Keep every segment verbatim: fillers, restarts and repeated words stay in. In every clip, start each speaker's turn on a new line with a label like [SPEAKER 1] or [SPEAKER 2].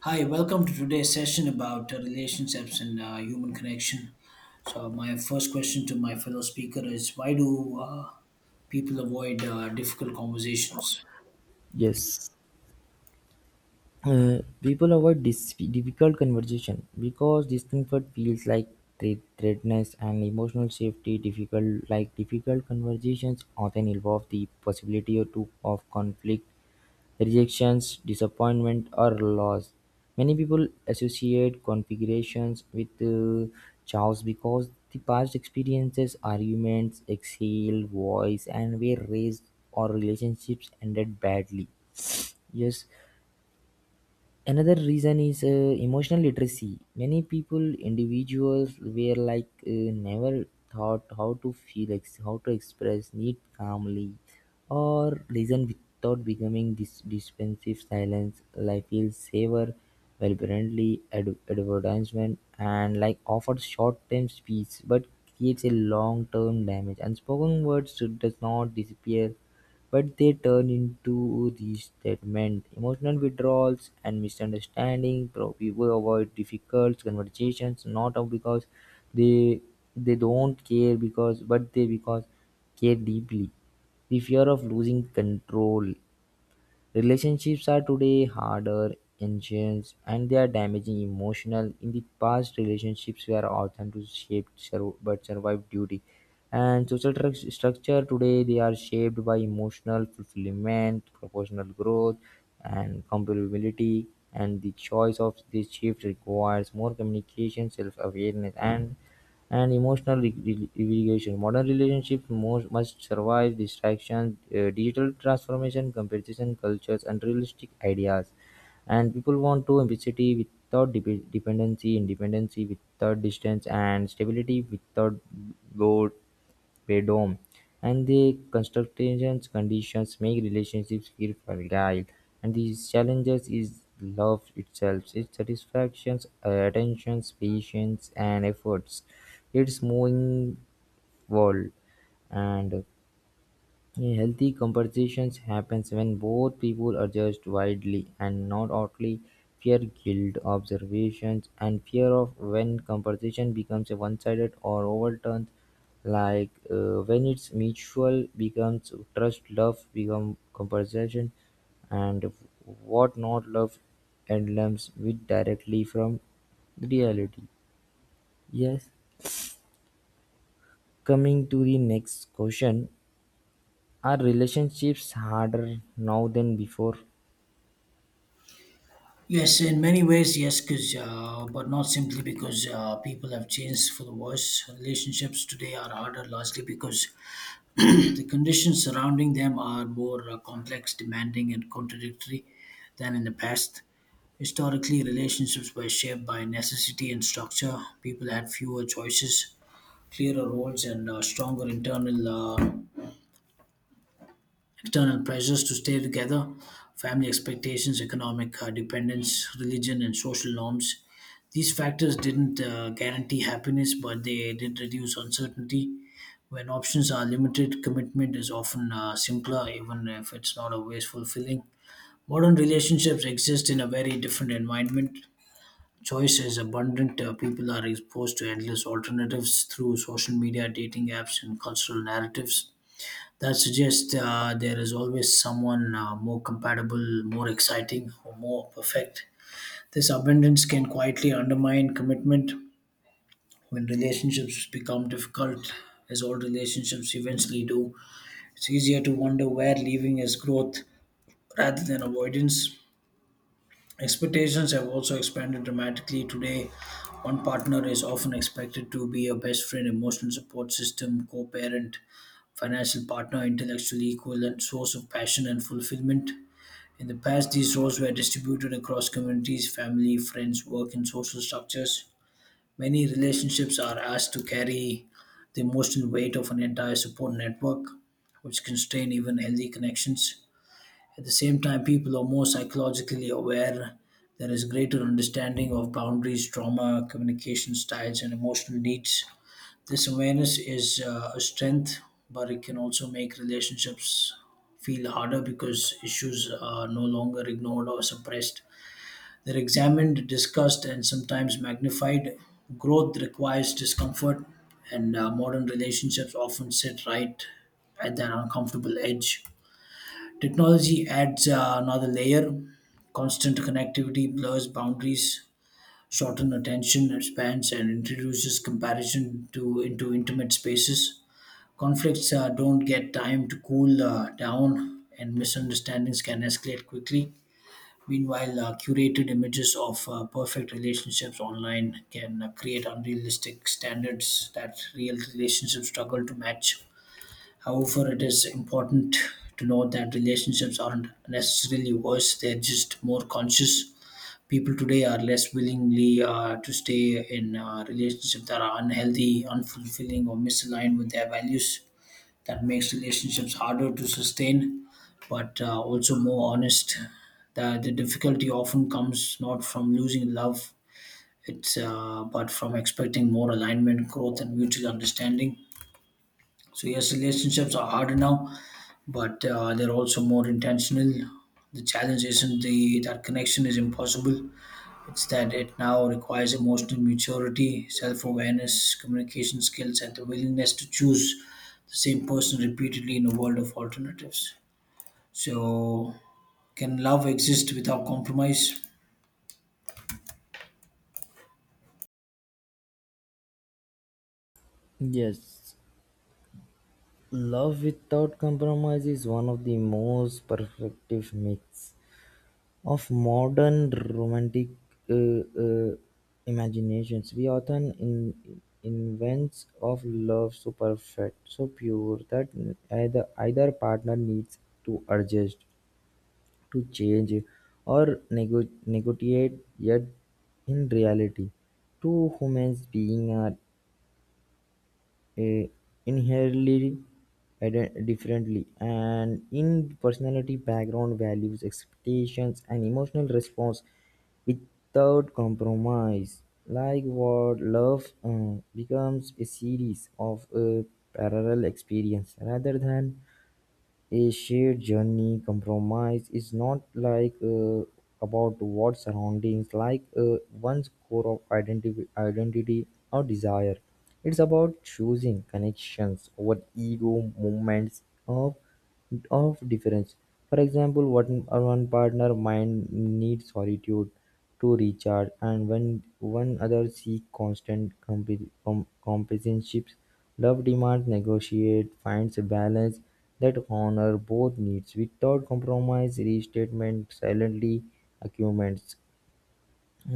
[SPEAKER 1] Hi, welcome to today's session about uh, relationships and uh, human connection. So, my first question to my fellow speaker is why do uh, people avoid uh, difficult conversations?
[SPEAKER 2] Yes. Uh, people avoid this difficult conversation because discomfort feels like thre- threatness and emotional safety difficult, like difficult conversations often involve the possibility of, to, of conflict, rejections, disappointment, or loss. Many people associate configurations with uh, chaos because the past experiences arguments exhale voice and were raised or relationships ended badly. Yes. Another reason is uh, emotional literacy, many people individuals were like uh, never taught how to feel ex- how to express need calmly or listen without becoming dis- defensive silence, like feels savor well friendly ad- advertisement and, like, offers short-term speech but creates a long-term damage. Unspoken words does not disappear, but they turn into resentment, emotional withdrawals, and misunderstanding. Pro- People avoid difficult conversations not of because they they don't care because but they because care deeply. The fear of losing control. Relationships are today harder, ancient, and they are damaging emotional. In the past, relationships were often to shape sur- but survive duty. And social tru- structure today they are shaped by emotional fulfillment, proportional growth, and compatibility. And the choice of this shift requires more communication, self-awareness, and and emotional re- re- regulation. Modern relationships most, must survive distraction, uh, digital transformation, competition cultures, and realistic ideas. And people want to empathy without dep- dependency, independency without distance, and stability without boredom boredom, and the construction conditions make relationships feel fragile. And these challenges is love itself, its satisfactions, attentions, patience, and efforts. It's moving world, and a healthy conversation happens when both people are judged widely and not outly fear guilt observations and fear of when conversation becomes a one-sided or overturned, like uh, when it's mutual becomes trust, love become conversation, and what not love emblems with directly from reality. Yes, coming to the next question: are relationships harder now than before?
[SPEAKER 1] Yes, in many ways, yes, because uh, but not simply because uh, people have changed for the worse. Relationships today are harder, largely because the conditions surrounding them are more uh, complex, demanding, and contradictory than in the past. Historically, relationships were shaped by necessity and structure. People had fewer choices, clearer roles, and uh, stronger internal uh, external pressures to stay together, family expectations, economic uh, dependence, religion, and social norms. These factors didn't uh, guarantee happiness, but they did reduce uncertainty. When options are limited, commitment is often uh, simpler, even if it's not always fulfilling. Modern relationships exist in a very different environment. Choice is abundant. Uh, people are exposed to endless alternatives through social media, dating apps, and cultural narratives. That suggests uh, there is always someone uh, more compatible, more exciting, or more perfect. This abundance can quietly undermine commitment when relationships become difficult, as all relationships eventually do. It's easier to wonder where leaving is growth rather than avoidance. Expectations have also expanded dramatically. Today, one partner is often expected to be a best friend, emotional support system, co parent, financial partner, intellectual equal, and source of passion and fulfillment. In the past, these roles were distributed across communities, family, friends, work, and social structures. Many relationships are asked to carry the emotional weight of an entire support network, which constrain even healthy connections. At the same time, people are more psychologically aware. There is greater understanding of boundaries, trauma, communication styles, and emotional needs. This awareness is uh, a strength, but it can also make relationships feel harder because issues are no longer ignored or suppressed. They're examined, discussed, and sometimes magnified. Growth requires discomfort, and uh, modern relationships often sit right at that uncomfortable edge. Technology adds uh, another layer. Constant connectivity blurs boundaries, shorten attention spans, and introduces comparison to into intimate spaces. Conflicts uh, don't get time to cool uh, down, and misunderstandings can escalate quickly. Meanwhile, uh, curated images of uh, perfect relationships online can uh, create unrealistic standards that real relationships struggle to match. However, it is important to note that relationships aren't necessarily worse, they're just more conscious. People today are less willingly uh, to stay in uh, relationships that are unhealthy, unfulfilling, or misaligned with their values. That makes relationships harder to sustain, but uh, also more honest. The, the difficulty often comes not from losing love, it's uh, but from expecting more alignment, growth, and mutual understanding. So yes, relationships are harder now, but uh, they're also more intentional. The challenge isn't the that connection is impossible. It's that it now requires emotional maturity, self-awareness, communication skills, and the willingness to choose the same person repeatedly in a world of alternatives. So, can love exist without compromise?
[SPEAKER 2] Yes, love without compromise is one of the most perfective myths of modern romantic uh, uh, imaginations. We often in, invents of love so perfect, so pure that either either partner needs to adjust, to change, or nego- negotiate. Yet, in reality, two humans beings are eh, inherently ide- differently and in personality, background, values, expectations, and emotional response. Without compromise, like, what love uh, becomes a series of uh, parallel experience rather than a shared journey. Compromise is not, like, uh, about what surroundings, like uh, one's core of identity, identity or desire. It's about choosing connections over ego moments of of difference. For example, one, one partner mind needs solitude to recharge, and when one others seek constant comp- com- companionship, love demands negotiate, finds a balance that honors both needs without compromise. Restatement silently accumulates,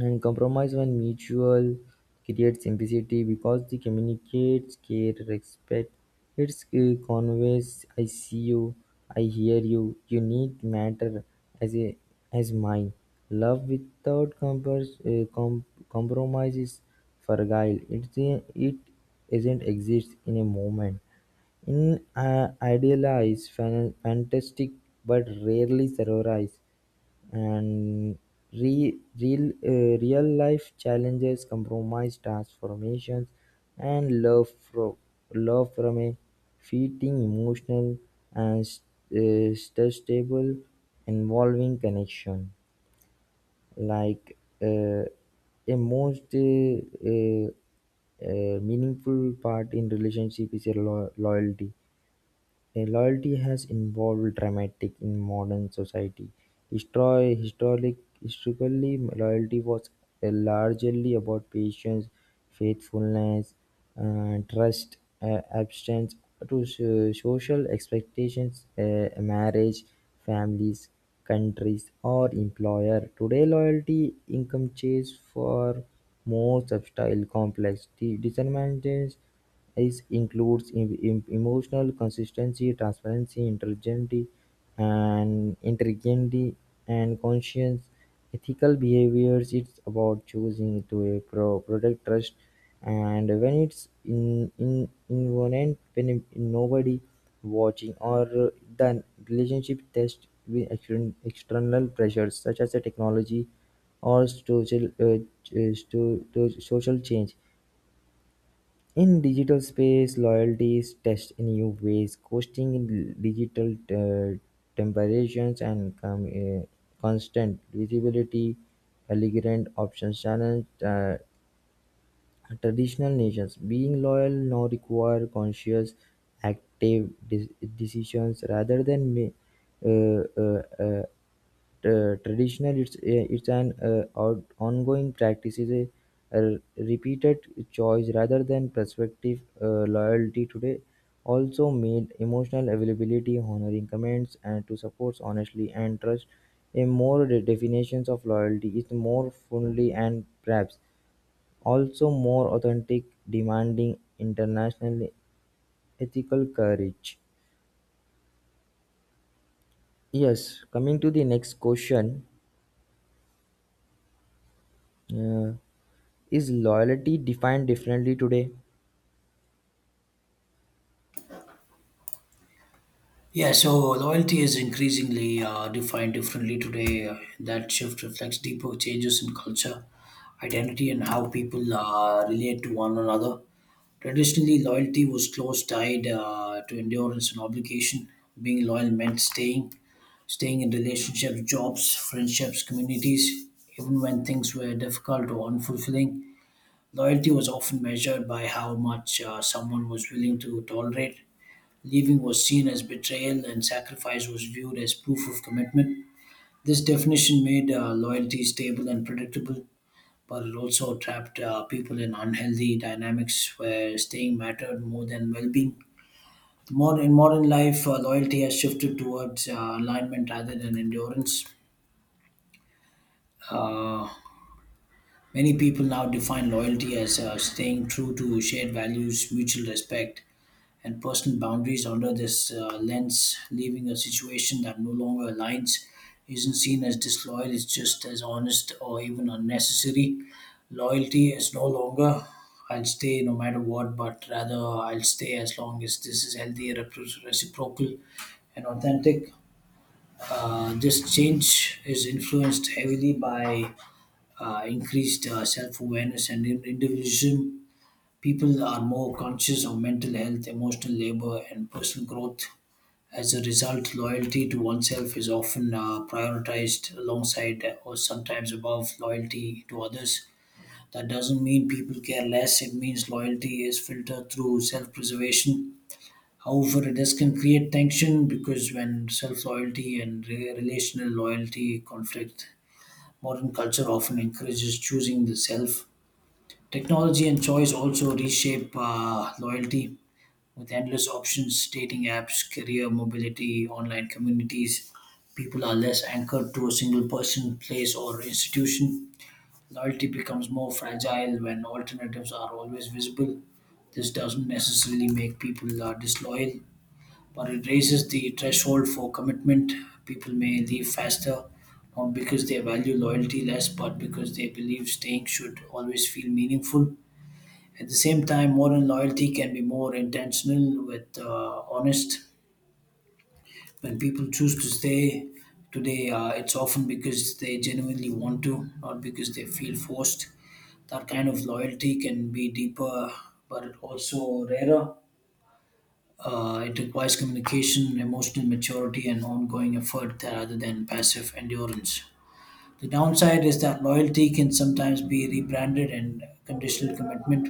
[SPEAKER 2] and compromise, when mutual, creates simplicity because the communicates care, respect. It's uh, conveys I see you, I hear you, you need matter as a as mine. Love without compers, uh, com- compromise is fragile. It's a, it isn't exist in a moment. In uh, idealized, fan- fantastic, but rarely survives. And re- real, uh, real life challenges, compromise, transformations, and love, from love from a fitting, emotional, and uh, stable, involving connection. Like uh, a most uh, uh, uh, meaningful part in relationship is a lo- loyalty. A Loyalty has evolved dramatically in modern society. Histori- historic- historically, loyalty was uh, largely about patience, faithfulness, uh, trust, uh, abstinence to so- social expectations, uh, marriage, families, countries, or employer. Today, loyalty income chase for more subtle, complex de- determinants. This includes em- em- emotional consistency, transparency, integrity, and integrity and conscience. Ethical behaviors, it's about choosing to uh, pro- protect trust, and when it's in in involved, when nobody watching or uh, the relationship test with extern- external pressures such as the technology or social uh, ch- uh, sto- to social change. In digital space, loyalty is tested in new ways, coasting in digital uh, temperations and com- uh, constant visibility, elegant options challenge. Uh, Traditional nations, being loyal, now require conscious, active de- decisions rather than ma- uh, uh, uh, uh, traditional. It's uh, it's an uh, out- ongoing practice, is a, a repeated choice rather than prospective. Uh, loyalty today also made emotional availability, honoring commands and to support honestly and trust. A more de- definitions of loyalty is more fully and perhaps also more authentic, demanding international ethical courage. Yes, coming to the next question: uh, Is loyalty defined differently today?
[SPEAKER 1] Yeah, so loyalty is increasingly uh, defined differently today. Uh, That shift reflects deeper changes in culture, identity, and how people uh, relate to one another. Traditionally, loyalty was close tied uh, to endurance and obligation. Being loyal meant staying, staying in relationships, jobs, friendships, communities, even when things were difficult or unfulfilling. Loyalty was often measured by how much uh, someone was willing to tolerate. Leaving was seen as betrayal, and sacrifice was viewed as proof of commitment. This definition made uh, loyalty stable and predictable but it also trapped uh, people in unhealthy dynamics where staying mattered more than well-being. More in modern life, uh, loyalty has shifted towards uh, alignment rather than endurance. Uh, Many people now define loyalty as uh, staying true to shared values, mutual respect, and personal boundaries under this uh, lens, leaving a situation that no longer aligns isn't seen as disloyal, it's just as honest or even unnecessary. Loyalty is no longer I'll stay no matter what, but rather I'll stay as long as this is healthy, repro- reciprocal, and authentic. Uh, this change is influenced heavily by uh, increased uh, self awareness and in- individualism. People are more conscious of mental health, emotional labor, and personal growth. As a result, loyalty to oneself is often uh, prioritized alongside uh, or sometimes above loyalty to others. That doesn't mean people care less, it means loyalty is filtered through self preservation. However, this can create tension because when self loyalty and re- relational loyalty conflict, modern culture often encourages choosing the self. Technology and choice also reshape uh, loyalty with endless options, dating apps, career mobility, online communities, people are less anchored to a single person, place, or institution. Loyalty becomes more fragile when alternatives are always visible. This doesn't necessarily make people uh, disloyal, but it raises the threshold for commitment. People may leave faster, not because they value loyalty less, but because they believe staying should always feel meaningful. At the same time, modern loyalty can be more intentional with uh, honest. When people choose to stay today, uh, it's often because they genuinely want to, not because they feel forced. That kind of loyalty can be deeper, but also rarer. Uh, it requires communication, emotional maturity, and ongoing effort rather than passive endurance. The downside is that loyalty can sometimes be rebranded and conditional commitment.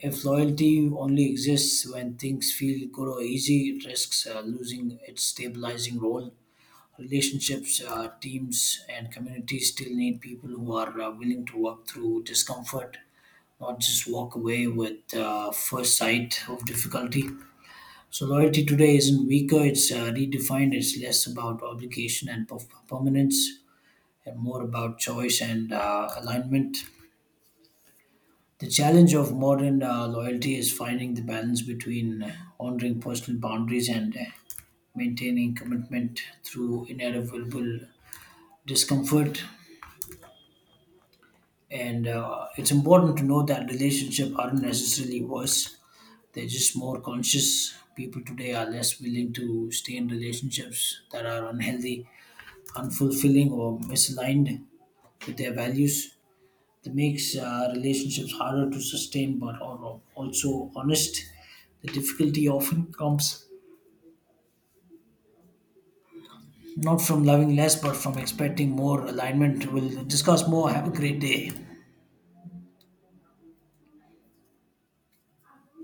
[SPEAKER 1] If loyalty only exists when things feel good or easy, it risks uh, losing its stabilizing role. Relationships, uh, teams, and communities still need people who are uh, willing to work through discomfort, not just walk away with uh, first sight of difficulty. So, loyalty today isn't weaker, it's uh, redefined, it's less about obligation and perf- permanence, and more about choice and uh, alignment. The challenge of modern uh, loyalty is finding the balance between uh, honoring personal boundaries and uh, maintaining commitment through inevitable discomfort. And uh, it's important to know that relationships aren't necessarily worse, they're just more conscious. People today are less willing to stay in relationships that are unhealthy, unfulfilling, or misaligned with their values. That makes uh, relationships harder to sustain but are also honest. The difficulty often comes not from loving less but from expecting more alignment. We'll discuss more. Have a great day.